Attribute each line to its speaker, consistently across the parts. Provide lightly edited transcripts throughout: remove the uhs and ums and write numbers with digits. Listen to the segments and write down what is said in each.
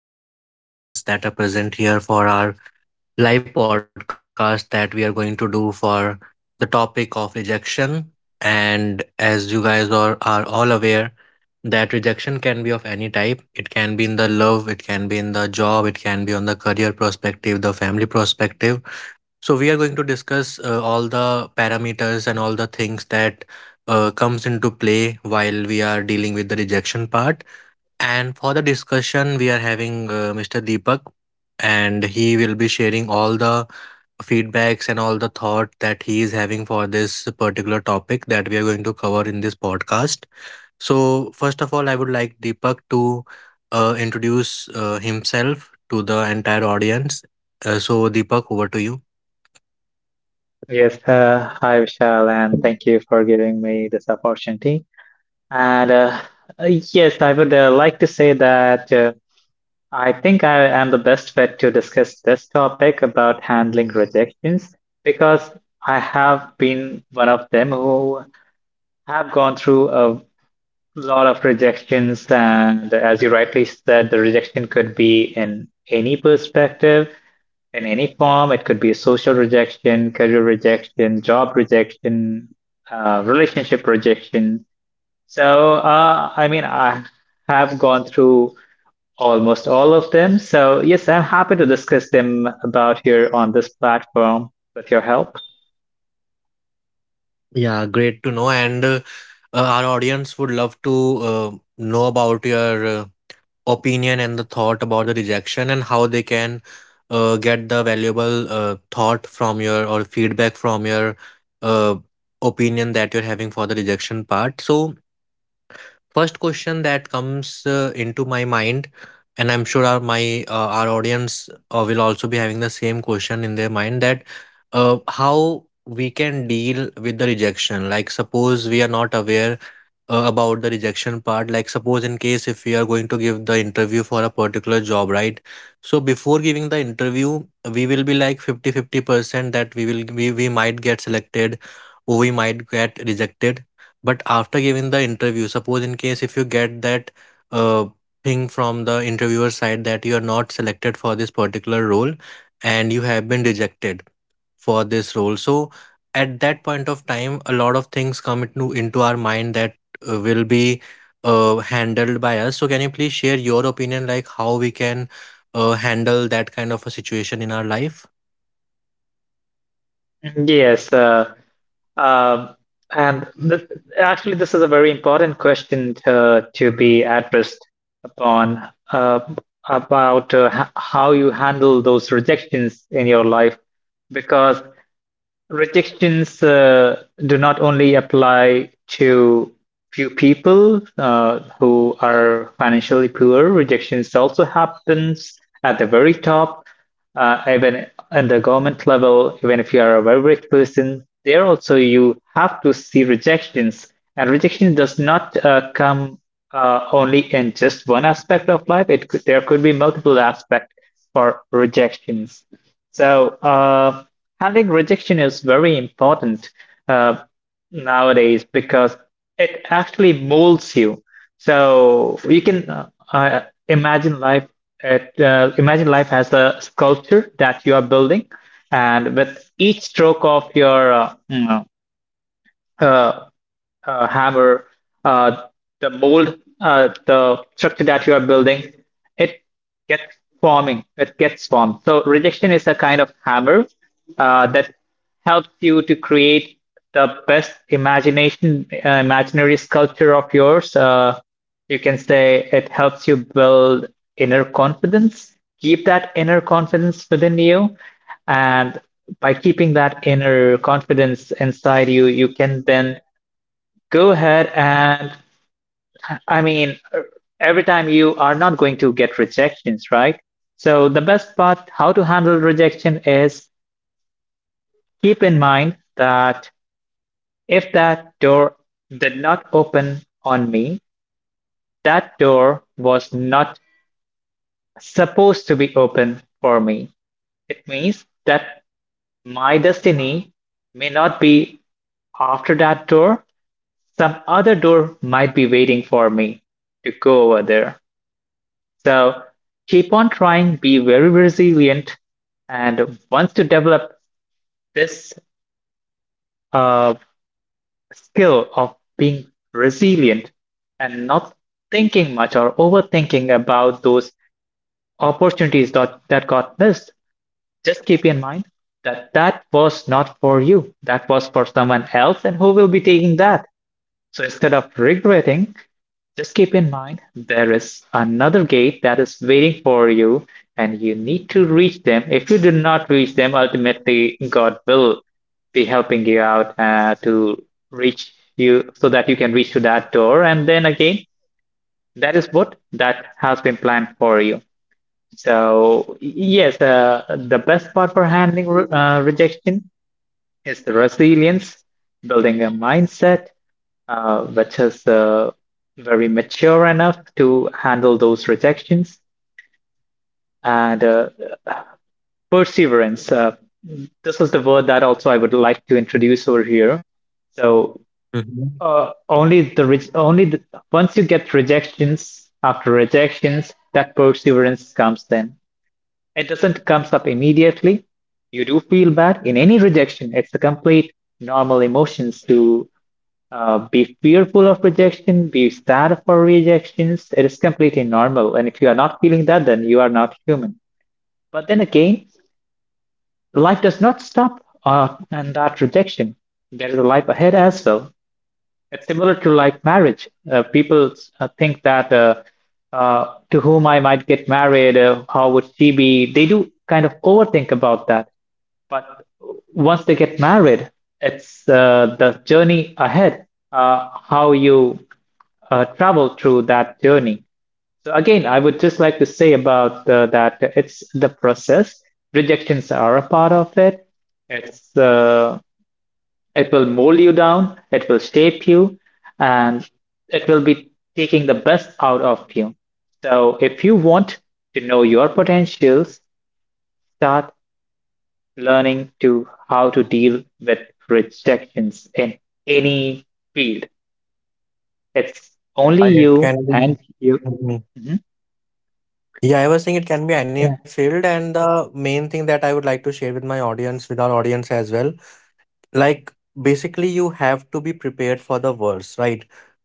Speaker 1: welcome to all the audience that are present here for our live podcast that we are going to do for the topic of rejection. And as you guys are all aware, that rejection can be of any type. It can be in the love, it can be in the job, it can be on the career perspective, the family perspective. So we are going to discuss all the parameters and all the things that comes into play while we are dealing with the rejection part, and for the discussion, we are having Mr. Deepak, and he will be sharing all the feedbacks and all the thought that he is having for this particular topic that we are going to cover in this podcast. So, first of all, I would like Deepak to introduce himself to the entire audience. So, Deepak, over to you.
Speaker 2: Yes, hi Vishal, and thank you for giving me this opportunity. And yes, I would like to say that I think I am the best fit to discuss this topic about handling rejections because I have been one of them who have gone through a lot of rejections. And as you rightly said, the rejection could be in any perspective, in any form. It could be social rejection, career rejection, job rejection, relationship rejection. So, I mean, I have gone through almost all of them. So, yes, I'm happy to discuss them about here on this platform with your help.
Speaker 1: Yeah, great to know. And Our audience would love to know about your opinion and the thought about the rejection and how they can get the valuable thought from your, or feedback from your uh, opinion that you're having for the rejection part. So, first question that comes into my mind, and I'm sure our audience will also be having the same question in their mind, that how we can deal with the rejection. Like, suppose we are not aware about the rejection part, like suppose in case if we are going to give the interview for a particular job, right? So before giving the interview, we will be like 50-50 percent that we might get selected or we might get rejected. But after giving the interview, suppose in case if you get that uh, thing from the interviewer side that you are not selected for this particular role and you have been rejected for this role, so at that point of time, a lot of things come into our mind that will be handled by us. So can you please share your opinion, like how we can handle that kind of a situation in our life?
Speaker 2: Yes. Um, and th Actually, this is a very important question to be addressed upon about how you handle those rejections in your life, because restrictions do not only apply to few people who are financially poor. Rejections also happens at the very top, even at the government level. Even if you are a very rich person, there also you have to see rejections. And rejection does not come only in just one aspect of life. It could, there could be multiple aspects for rejections. So. Uh, Handling rejection is very important uh, nowadays because it actually molds you. So you can imagine life at imagine life as a sculpture that you are building, and with each stroke of your uh, hammer, uh, the mold, the structure that you are building, it gets forming, it gets formed. So rejection is a kind of hammer that helps you to create the best imagination, imaginary sculpture of yours. You can say it helps you build inner confidence, keep that inner confidence within you, and by keeping that inner confidence inside you, you can then go ahead and, I mean, every time you are not going to get rejections, right? So the best part how to handle rejection is keep in mind that if that door did not open on me, that door was not supposed to be open for me. It means that my destiny may not be after that door. Some other door might be waiting for me to go over there. So keep on trying, be very resilient, and once you develop this uh, skill of being resilient and not thinking much or overthinking about those opportunities that got missed, just keep in mind that that was not for you. That was for someone else, and who will be taking that? So instead of regretting, just keep in mind there is another gate that is waiting for you, and you need to reach them. If you do not reach them, ultimately God will be helping you out to reach you so that you can reach to that door. And then again, that is what that has been planned for you. So yes, the best part for handling rejection is the resilience, building a mindset, which is very mature enough to handle those rejections and perseverance. This was the word that also I would like to introduce over here. So
Speaker 1: Mhm.
Speaker 2: only the, once you get rejections after rejections, that perseverance comes. Then it doesn't comes up immediately. You do feel bad in any rejection. It's a complete normal emotions to be fearful of rejection, be sad for rejections. It is completely normal. And if you are not feeling that, then you are not human. But then again, life does not stop and that rejection. There is a life ahead as well. It's similar to like marriage. People think that to whom I might get married, how would she be? They do kind of overthink about that. But once they get married, it's the journey ahead, how you travel through that journey. So again, I would just like to say about that it's the process. Rejections are a part of it. It's uh, it will mold you down. It will shape you, and it will be taking the best out of you. So if you want to know your potentials, start learning to how to deal with rejections in any field. It's only
Speaker 1: It
Speaker 2: you
Speaker 1: can be.
Speaker 2: and you.
Speaker 1: Mhm.
Speaker 2: Mhm.
Speaker 1: Yeah, I was saying it can be any
Speaker 2: Yeah.
Speaker 1: field. And the main thing that I would like to share with my audience, with our audience as well, like, basically you have to be prepared for the worst, right?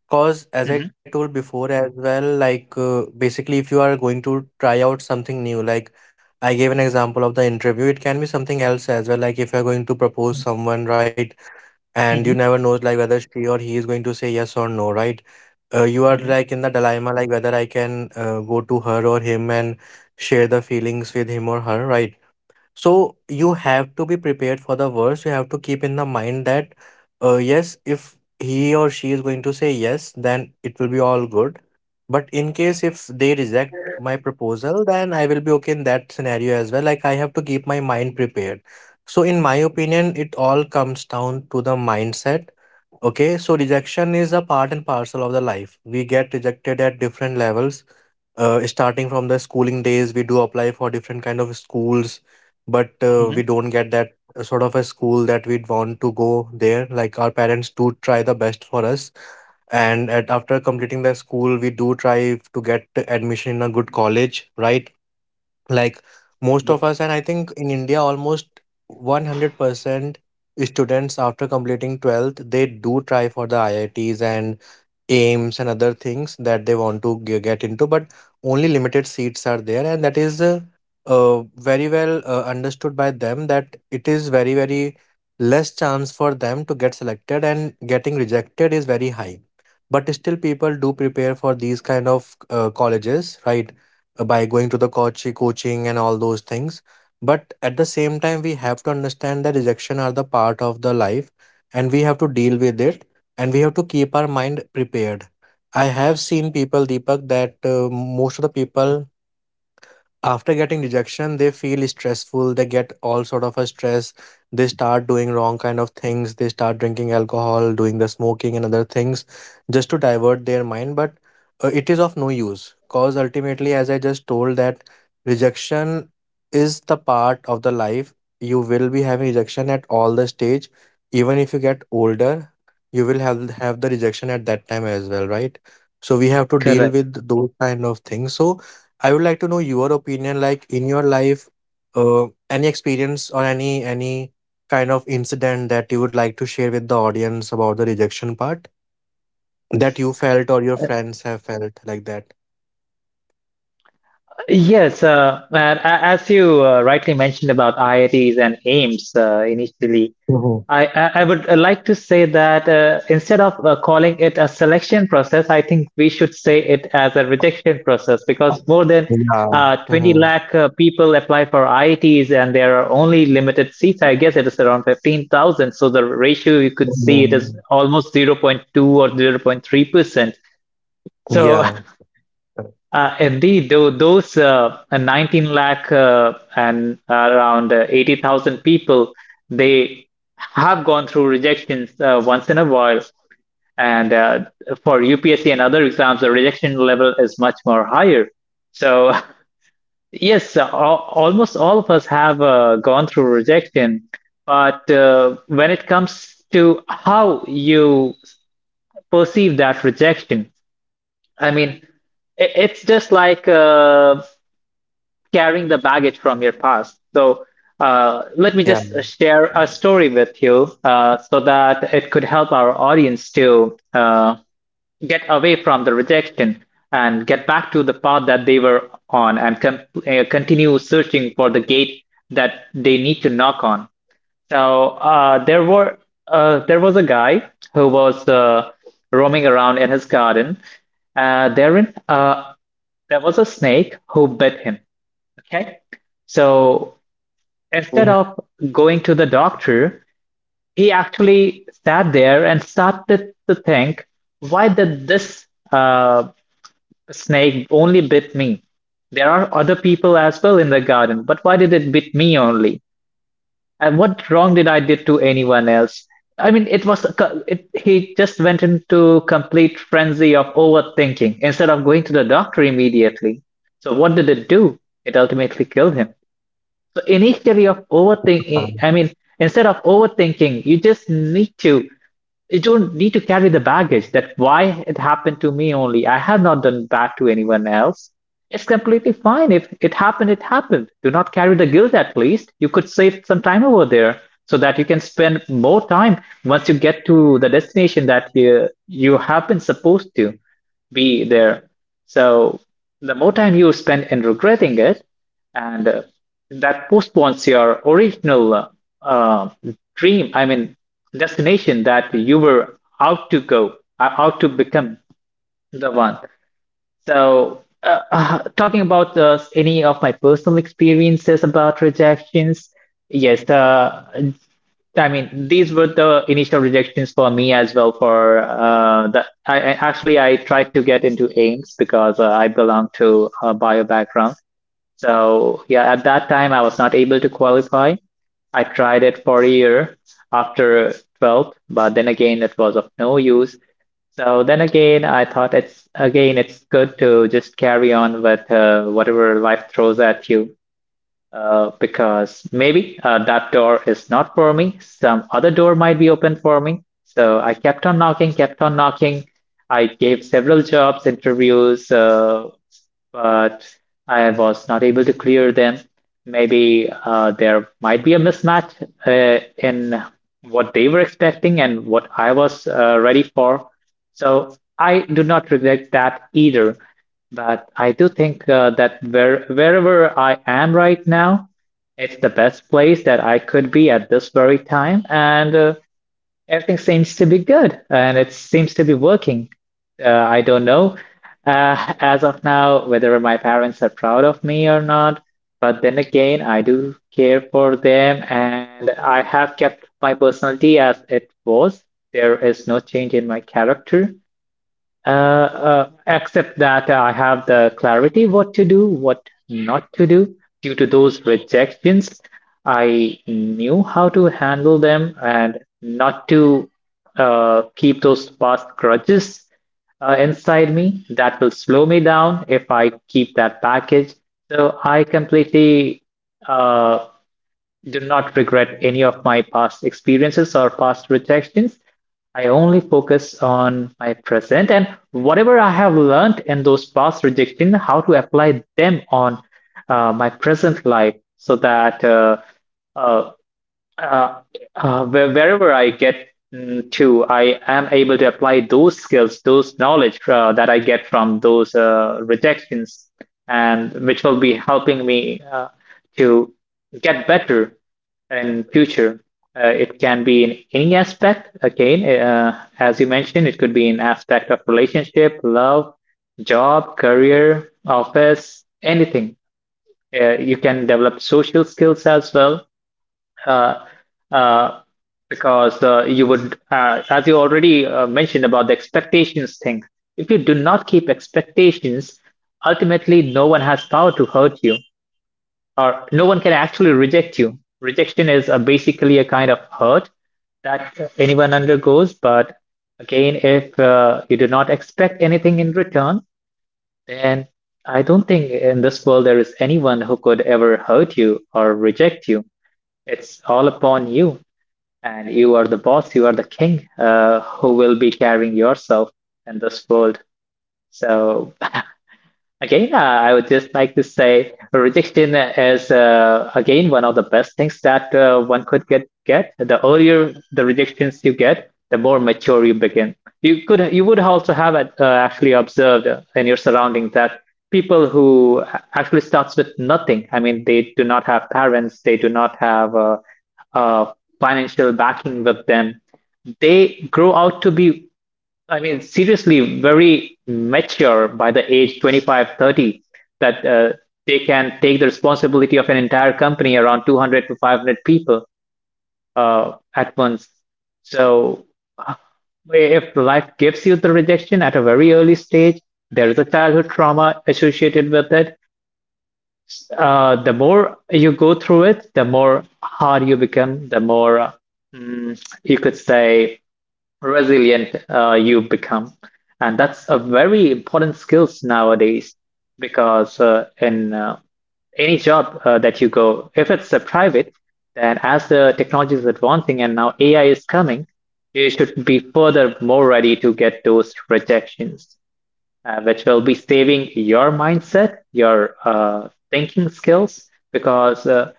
Speaker 1: Cause as I
Speaker 2: Mhm.
Speaker 1: told before as well, like, basically if you are going to try out something new, like, I gave an example of the interview, it can be something else as well, like if you're going to propose
Speaker 2: Mm-hmm.
Speaker 1: someone, right? And you never know, like, whether she or he is going to say yes or no, right? You are
Speaker 2: Mm-hmm.
Speaker 1: like in the dilemma, like whether I can go to her or him and share the feelings with him or her, right? So you have to be prepared for the worst. You have to keep in the mind that, yes, if he or she is going to say yes, then it will be all good. But in case if they reject my proposal, then I will be okay in that scenario as well. Like, I have to keep my mind prepared. So in my opinion, it all comes down to the mindset. Okay, so rejection is a part and parcel of the life. We get rejected at different levels, starting from the schooling days, we do apply for different kind of schools, but
Speaker 2: Mm-hmm.
Speaker 1: we don't get that sort of a school that we'd want to go there. Like, our parents do try the best for us, and after completing the school, we do try to get admission in a good college, right? Like, most
Speaker 2: Yeah,
Speaker 1: of us, and I think in India, almost 100% students after completing 12th, they do try for the IITs and aims and other things that they want to get into. But only limited seats are there, and that is very well understood by them, that it is very very less chance for them to get selected and getting rejected is very high. But still people do prepare for these kind of colleges, right? By going to the coaching and all those things. But at the same time, we have to understand that rejection are the part of the life, and we have to deal with it, and we have to keep our mind prepared. I have seen people, Deepak, that most of the people, after getting rejection, they feel stressful, they get all sort of a stress, they start doing wrong kind of things, they start drinking alcohol, doing the smoking and other things, just to divert their mind. But it is of no use, cause ultimately, as I just told, that rejection is the part of the life. You will be having rejection at all the stage. Even if you get older, you will have the rejection at that time as well, right? So we have to deal
Speaker 2: correct.
Speaker 1: with those kind of things. So I would like to know your opinion, like in your life, any experience or any kind of incident that you would like to share with the audience about the rejection part that you felt or your
Speaker 2: Uh,
Speaker 1: friends have felt like that.
Speaker 2: Yes, as you rightly mentioned about IITs and AIMS initially,
Speaker 1: Mhm.
Speaker 2: I would like to say that instead of calling it a selection process, I think we should say it as a rejection process because more than
Speaker 1: Yeah.
Speaker 2: 20
Speaker 1: Mhm.
Speaker 2: lakh people apply for IITs and there are only limited seats. I guess it is around 15,000. So the ratio you could see it is
Speaker 1: Mhm.
Speaker 2: almost 0 0.2 or 0.3%. So
Speaker 1: Yeah.
Speaker 2: Indeed, though those 19 lakh and around 80,000 people, they have gone through rejections once in a while. And for UPSC and other exams, the rejection level is much more higher. So yes, almost all of us have gone through rejection. But when it comes to how you perceive that rejection, I mean, it's just like carrying the baggage from your past. So let
Speaker 1: Yeah.
Speaker 2: me just share a story with you so that it could help our audience to get away from the rejection and get back to the path that they were on and continue searching for the gate that they need to knock on. So there was a guy who was roaming around in his garden. Therein, there was a snake who bit him. Okay. So
Speaker 1: Mhm.
Speaker 2: instead of going to the doctor, he actually sat there and started to think, why did this uh, snake only bit me? There are other people as well in the garden, but why did it bit me only? And what wrong did I did to anyone else? I mean, it was a co- it, he just went into complete frenzy of overthinking instead of going to the doctor immediately. So what did it do? It ultimately killed him. So initially of overthinking, I mean, instead of overthinking, you don't need to carry the baggage that why it happened to me only. I have not done bad to anyone else. It's completely fine. If it happened, it happened. Do not carry the guilt at least. You could save some time over there so that you can spend more time once you get to the destination that you have been supposed to be there. So the more time you spend in regretting it, and that postpones your original uh, dream I mean destination that you were out to go, out to become the one. So talking about any of my personal experiences about rejections, yes uh, I mean, these were the initial rejections for me as well. For the, I- Actually, I tried to get into Ames because I belong to a bio background, so yeah, at that time I was not able to qualify. I tried it for a year after 12th, but then again it was of no use. So then again, I thought it's again it's good to just carry on with whatever life throws at you because maybe that door is not for me. Some other door might be open for me. So I kept on knocking, kept on knocking. I gave several jobs, interviews, but I was not able to clear them. Maybe there might be a mismatch in what they were expecting and what I was ready for. So I do not regret that either. But I do think that wherever I am right now, it's the best place that I could be at this very time. And everything seems to be good and it seems to be working. I don't know as of now whether my parents are proud of me or not, but then again, I do care for them and I have kept my personality as it was. There is no change in my character. Except that I have the clarity what to do, what not to do. Due to those rejections, I knew how to handle them and not to keep those past grudges inside me. That will slow me down if I keep that package. So I completely uh, do not regret any of my past experiences or past rejections. I only focus on my present and whatever I have learned in those past rejections, how to apply them on my present life so that uh, uh, wherever I get to, I am able to apply those skills, those knowledge that I get from those rejections, and which will be helping me to get better in future. It can be in any aspect. Again, as you mentioned, it could be in aspect of relationship, love, job, career, office, anything. You can develop social skills as well, uh, uh, because you would, as you already mentioned about the expectations thing, if you do not keep expectations, ultimately no one has power to hurt you, or no one can actually reject you. Rejection is basically a kind of hurt that anyone undergoes, but again, if you do not expect anything in return, then I don't think in this world there is anyone who could ever hurt you or reject you. It's all upon you, and you are the boss, you are the king, who will be carrying yourself in this world. So again, I would just like to say rejection is, again, one of the best things that one could get. The earlier the rejections you get, the more mature you begin. You would also have actually observed in your surroundings that people who actually starts with nothing. I mean, they do not have parents, they do not have uh, financial backing with them. They grow out to be, I mean, seriously, very mature by the age 25, 30, that they can take the responsibility of an entire company around 200 to 500 people, at once. So, uh, if life gives you the rejection at a very early stage, there is a childhood trauma associated with it. The more you go through it, the more hard you become, the more, you could say, resilient you become. And that's a very important skills nowadays, because in any job that you go, if it's a private, then as the technology is advancing and now AI is coming, you should be further more ready to get those rejections, which will be saving your mindset, your thinking skills, because uh,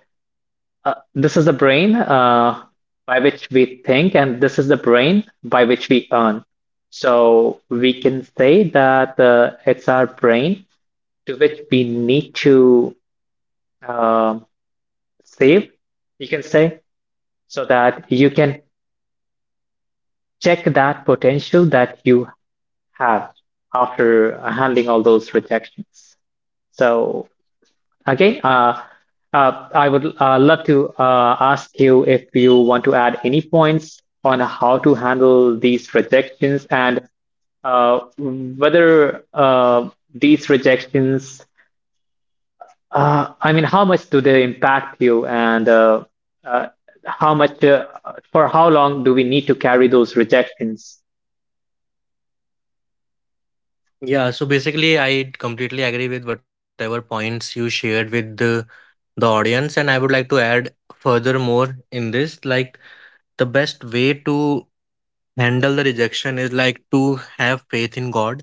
Speaker 2: uh, this is the brain by which we think, and this is the brain by which we earn. So we can say that it's our brain to which we need to um save, you can say, so that you can check that potential that you have after handling all those rejections. So okay. I would love to ask you if you want to add any points on how to handle these rejections, and whether these rejections, I mean, how much do they impact you, and uh, how much, for how long do we need to carry those rejections?
Speaker 1: Yeah, so basically, I completely agree with whatever points you shared with the audience, and I would like to add furthermore in this, like, the best way to handle the rejection is like to have faith in god.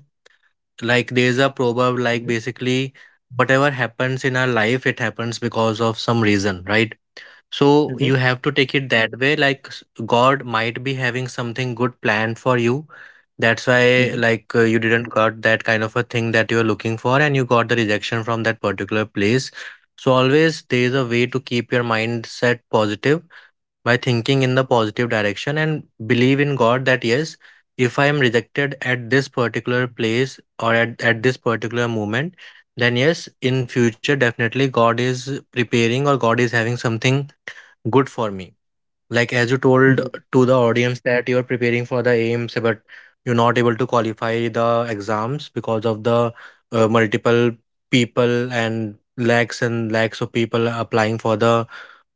Speaker 1: Like, there's a proverb, like,
Speaker 2: Mhm,
Speaker 1: basically whatever happens in our life, it happens because of some reason, right? So
Speaker 2: mhm,
Speaker 1: you have to take it that way, like, God might be having something good planned for you. That's why,
Speaker 2: mhm,
Speaker 1: like, you didn't got that kind of a thing that you're looking for, and you got the rejection from that particular place. So always there is a way to keep your mindset positive by thinking in the positive direction and believe in God that yes, if I am rejected at this particular place, or at this particular moment, then yes, in future definitely God is preparing or God is having something good for me. Like, as you told
Speaker 2: mhm,
Speaker 1: to the audience that you're preparing for the aims, but you're not able to qualify the exams because of the multiple people and lakhs of people applying for the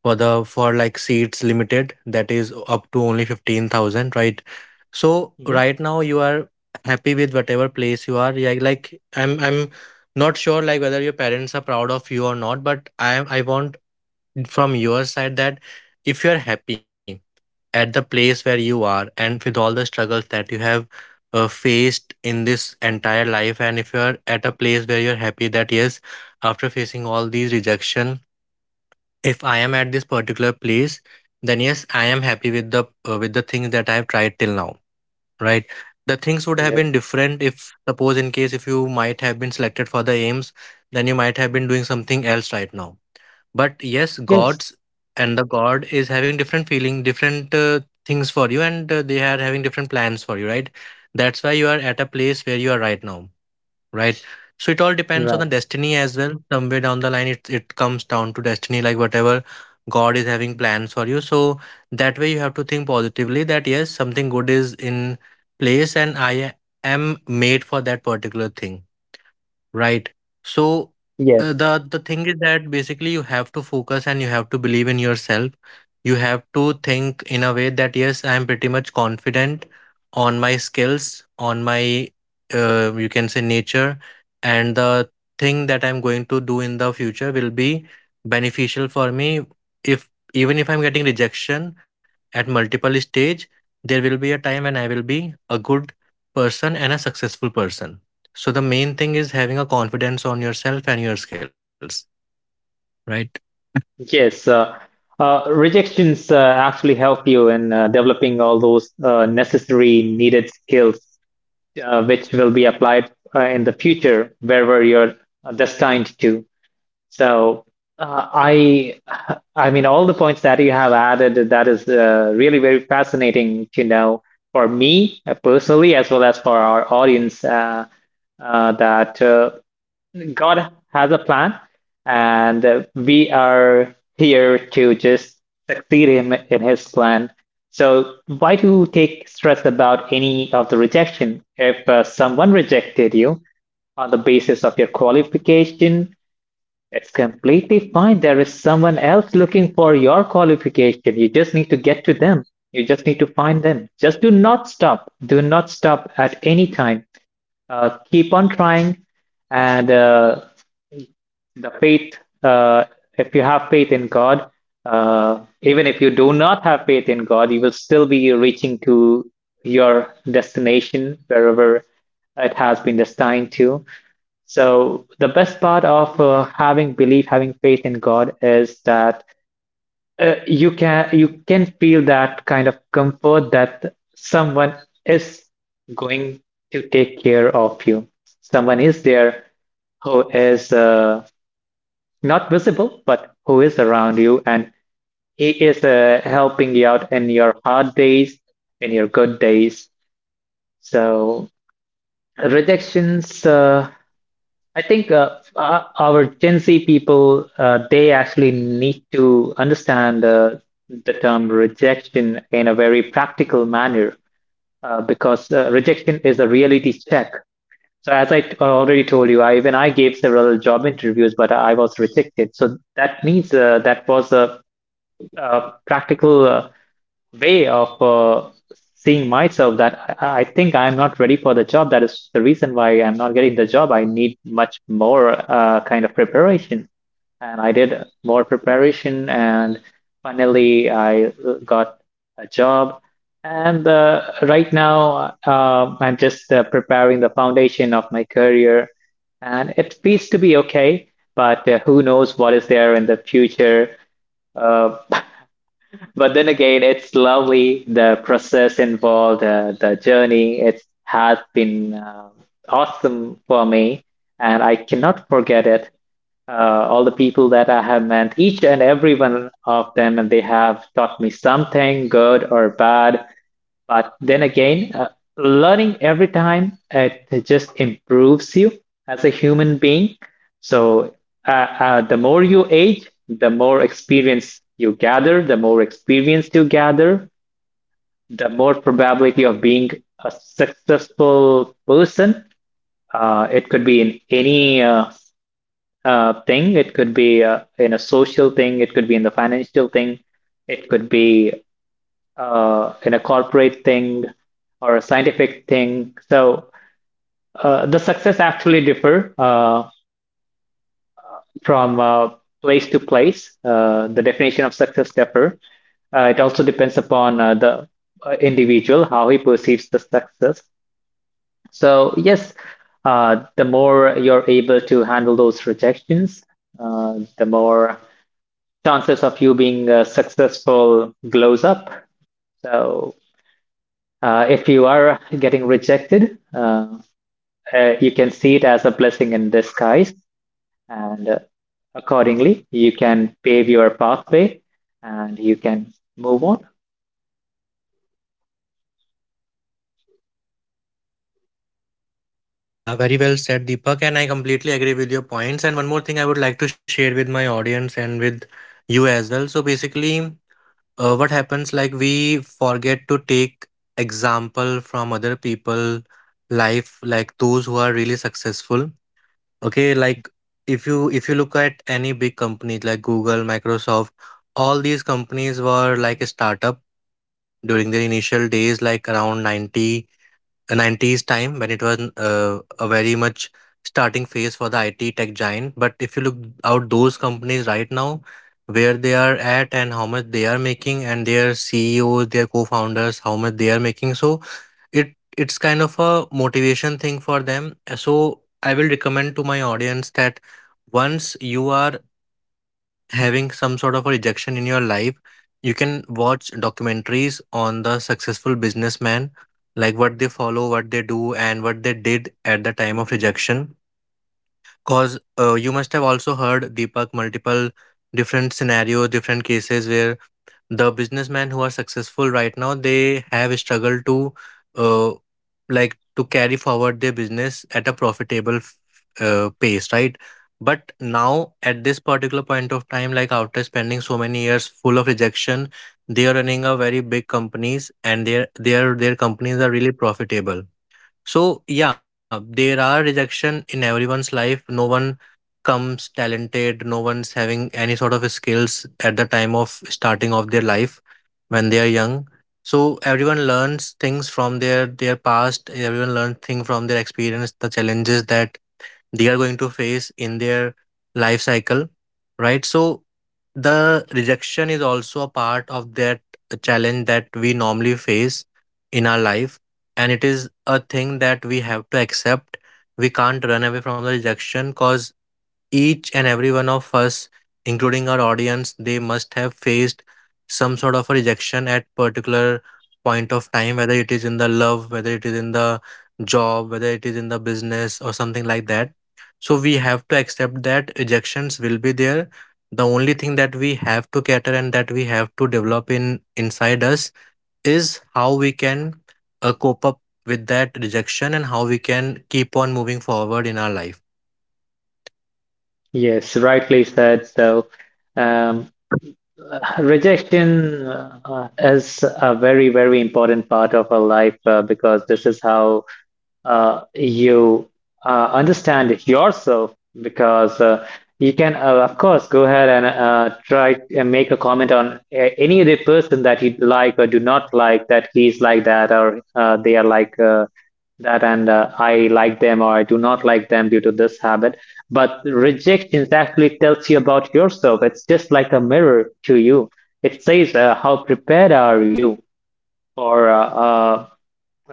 Speaker 1: for the for like seats limited, that is up to only 15,000, right? So
Speaker 2: mhm.
Speaker 1: right now you are happy with whatever place you are. Yeah, like, I'm not sure, like whether your parents are proud of you or not, but I want from your side that if you are happy at the place where you are, and with all the struggles that you have faced in this entire life, and if you are at a place where you're happy, that yes, after facing all these rejection, if I am at this particular place, then yes, I am happy with the, with the things that I have tried till now, right? The things would have
Speaker 2: Yes.
Speaker 1: been different if suppose in case if you might have been selected for the aims, then you might have been doing something else right now. But yes,
Speaker 2: Yes.
Speaker 1: gods and the god is having different feeling, different things for you, and they are having different plans for you, right? That's why you are at a place where you are right now, right? So it all depends on the
Speaker 2: Right.
Speaker 1: destiny as well. Somewhere down the line, it comes down to destiny, like whatever God is having plans for you. So that way, you have to think positively that yes, something good is in place, and I am made for that particular thing. Right. So
Speaker 2: Yes.
Speaker 1: the thing is that, basically, you have to focus and you have to believe in yourself. You have to think in a way that yes, I am pretty much confident on my skills, on my, you can say, nature, and the thing that I'm going to do in the future will be beneficial for me. If even if I'm getting rejection at multiple stage, there will be a time when I will be a good person and a successful person. So the main thing is having a confidence on yourself and your skills, right?
Speaker 2: Yes, rejections actually help you in developing all those necessary needed skills, which will be applied in the future wherever you're destined to. So, uh, I, I mean, all the points that you have added, that is really very fascinating to know for me personally, as well as for our audience, that. God has a plan, and we are here to just succeed in his plan. So, why to take stress about any of the rejection? If someone rejected you on the basis of your qualification, it's completely fine. There is someone else looking for your qualification. You just need to get to them. You just need to find them. Just do not stop. Do not stop at any time. Keep on trying, and the faith, uh, if you have faith in god, even if you do not have faith in god, you will still be reaching to your destination wherever it has been destined to. So the best part of having belief, having faith in god is that you can, you can feel that kind of comfort that someone is going to take care of you, someone is there who is not visible, but who is around you, and He is helping you out in your hard days, in your good days. So rejections, I think our Gen Z people, they actually need to understand the term rejection in a very practical manner, because rejection is a reality check. So as I already told you, I, even I gave several job interviews, but I was rejected. So that means that was a practical way of seeing myself that I think I'm not ready for the job. That is the reason why I'm not getting the job. I need much more kind of preparation. And I did more preparation, and finally, I got a job. And right now, I'm just preparing the foundation of my career, and it feels to be okay, but who knows what is there in the future? Uh, but then again, it's lovely the process involved, the journey. It has been awesome for me, and I cannot forget it. All the people that I have met, each and every one of them, and they have taught me something good or bad. But then again, learning every time, it just improves you as a human being. So uh, the more you age, the more experience you gather, the more experience you gather, the more probability of being a successful person. It could be in any thing. It could be in a social thing. It could be in the financial thing. It could be in a corporate thing or a scientific thing. So the success actually differ from place to place. The definition of success differ. It also depends upon the individual, how he perceives the success. So yes, the more you're able to handle those rejections, the more chances of you being successful glows up. So if you are getting rejected, you can see it as a blessing in disguise, and accordingly, you can pave your pathway and you can move on.
Speaker 1: Yeah, very well said, Deepak. And I completely agree with your points. And one more thing I would like to share with my audience and with you as well. So basically, what happens like we forget to take example from other people life like those who are really successful. Okay, like if you look at any big companies like Google, Microsoft, all these companies were like a startup during their initial days, like around 90, 90s time when it was a very much starting phase for the IT tech giant. But if you look out those companies right now, where they are at and how much they are making, and their CEOs, their co-founders, how much they are making, so it's kind of a motivation thing for them. So I will recommend to my audience that once you are having some sort of a rejection in your life, you can watch documentaries on the successful businessman, like what they follow, what they do, and what they did at the time of rejection. Cause you must have also heard, Deepak, multiple different scenarios, different cases where the businessmen who are successful right now, they have struggled to uh, like to carry forward their business at a profitable pace, right? But now at this particular point of time, like after spending so many years full of rejection, they are running a very big companies and their companies are really profitable. So yeah, there are rejection in everyone's life. No one comes talented. No one's having any sort of skills at the time of starting of their life when they are young. So everyone learns things from their past. Everyone learns things from their experience, the challenges that they are going to face in their life cycle, right? So the rejection is also a part of that challenge that we normally face in our life, and it is a thing that we have to accept. We can't run away from the rejection. Cause each and every one of us, including our audience, they must have faced some sort of a rejection at particular point of time, whether it is in the love, whether it is in the job, whether it is in the business or something like that. So we have to accept that rejections will be there. The only thing that we have to cater and that we have to develop in inside us is how we can cope up with that rejection and how we can keep on moving forward in our life.
Speaker 2: Yes, rightly said. So, um, rejection is a very, very important part of our life, because this is how you understand it yourself, because you can, of course, go ahead and try and make a comment on any other person that you like or do not like, that he's like that, or they are like that, and I like them or I do not like them due to this habit. But rejection actually tells you about yourself. It's just like a mirror to you. It says, how prepared are you for uh. uh,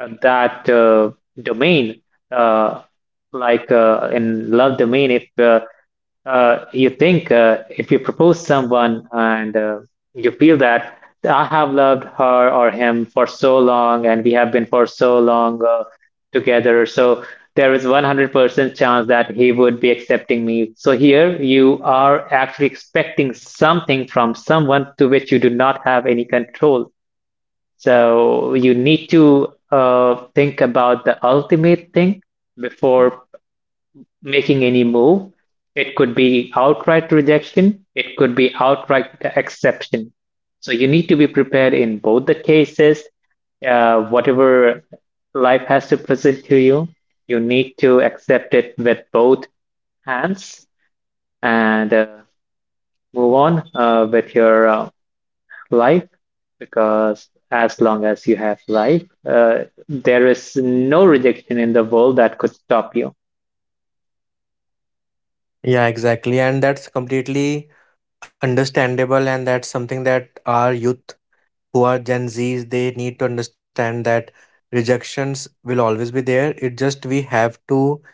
Speaker 2: uh, that domain, uh, like in love domain, if you think, if you propose someone, and you feel that I have loved her or him for so long, and we have been for so long together, so there is 100% chance that he would be accepting me. So here you are actually expecting something from someone to which you do not have any control. So you need to think about the ultimate thing before making any move. It could be outright rejection, it could be outright exception. So you need to be prepared in both the cases. Whatever life has to present to you, you need to accept it with both hands, and move on with your life, because as long as you have life, there is no rejection in the world that could stop you.
Speaker 1: Yeah, exactly. And that's completely understandable. And that's something that our youth who are Gen Zs, they need to understand that rejections will always be there. It just we have to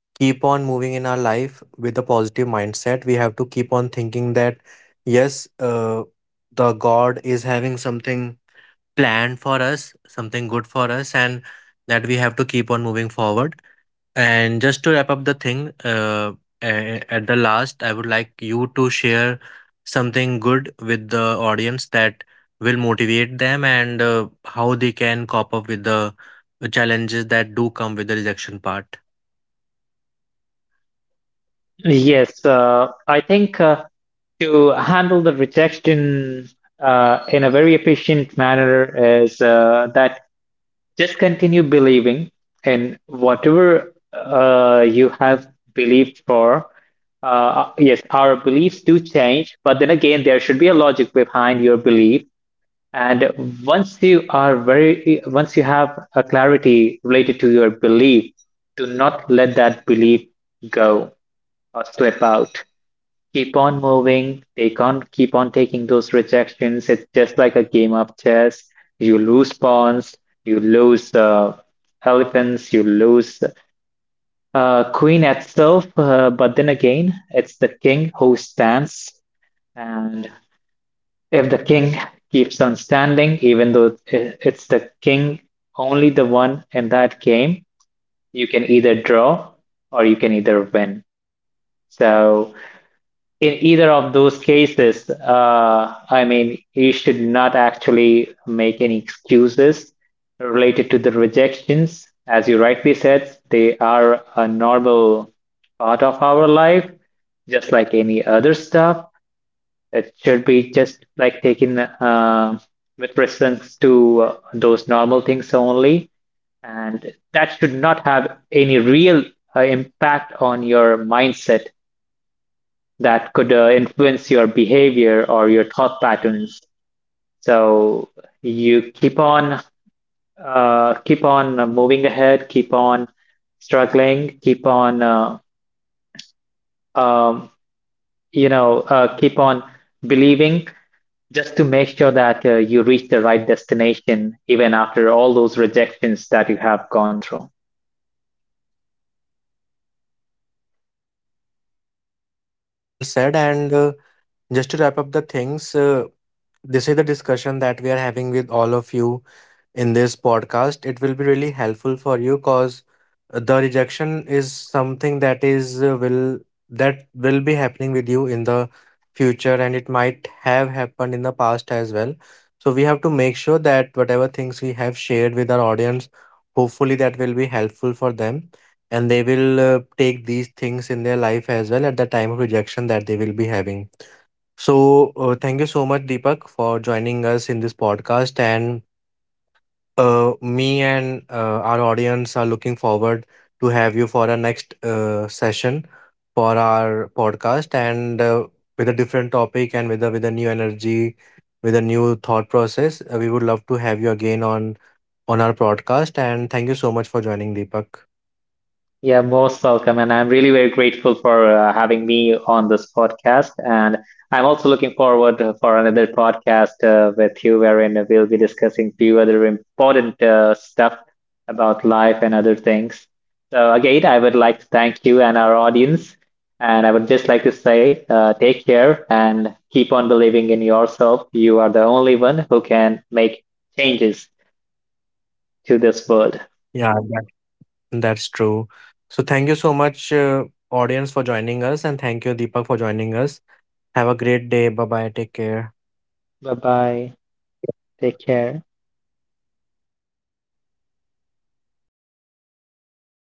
Speaker 1: keep on moving in our life with a positive mindset. We have to keep on thinking that, yes, the God is having something planned for us, something good for us, and that we have to keep on moving forward. And just to wrap up the thing, at the last, I would like you to share something good with the audience that will motivate them and how they can cope up with the challenges that do come with the rejection part.
Speaker 2: Yes, I think to handle the rejection in a very efficient manner is that just continue believing in whatever you have believed for. Yes, our beliefs do change, but then again, there should be a logic behind your belief. And once you are very, once you have a clarity related to your belief, do not let that belief go or slip out. Keep on moving, take on, keep on taking those rejections. It's just like a game of chess. You lose pawns, you lose elephants, you lose queen itself. But then again, it's the king who stands, and if the king keeps on standing, even though it's the king, only the one in that game, you can either draw or you can either win. So, in either of those cases, I mean, you should not actually make any excuses related to the rejections. As you rightly said, they are a normal part of our life, just like any other stuff. It should be just like taken with reference to those normal things only, and that should not have any real impact on your mindset that could influence your behavior or your thought patterns. So you keep on, keep on moving ahead, keep on struggling, keep on um, keep on believing, just to make sure that you reach the right destination, even after all those rejections that you have gone through.
Speaker 1: Yeah, Deepak, very well said. And just to wrap up the things, this is the discussion that we are having with all of you in this podcast. It will be really helpful for you because the rejection is something that is will that will be happening with you in the future, and it might have happened in the past as well. So we have to make sure that whatever things we have shared with our audience, hopefully that will be helpful for them, and they will take these things in their life as well at the time of rejection that they will be having. So thank you so much, Deepak, for joining us in this podcast. And me and our audience are looking forward to have you for our next session for our podcast. And with a different topic, and with a new energy, with a new thought process. We would love to have you again on our podcast. And thank you so much for joining, Deepak.
Speaker 2: Yeah, most welcome. And I'm really very grateful for having me on this podcast. And I'm also looking forward for another podcast with you, wherein we'll be discussing few other important stuff about life and other things. So again, I would like to thank you and our audience. And I would just like to say, take care and keep on believing in yourself. You are the only one who can make changes to this world.
Speaker 1: Yeah, that's true. So thank you so much, audience, for joining us, and thank you, Deepak, for joining us. Have a great day. Bye bye. Take care.
Speaker 2: Bye bye. Take care.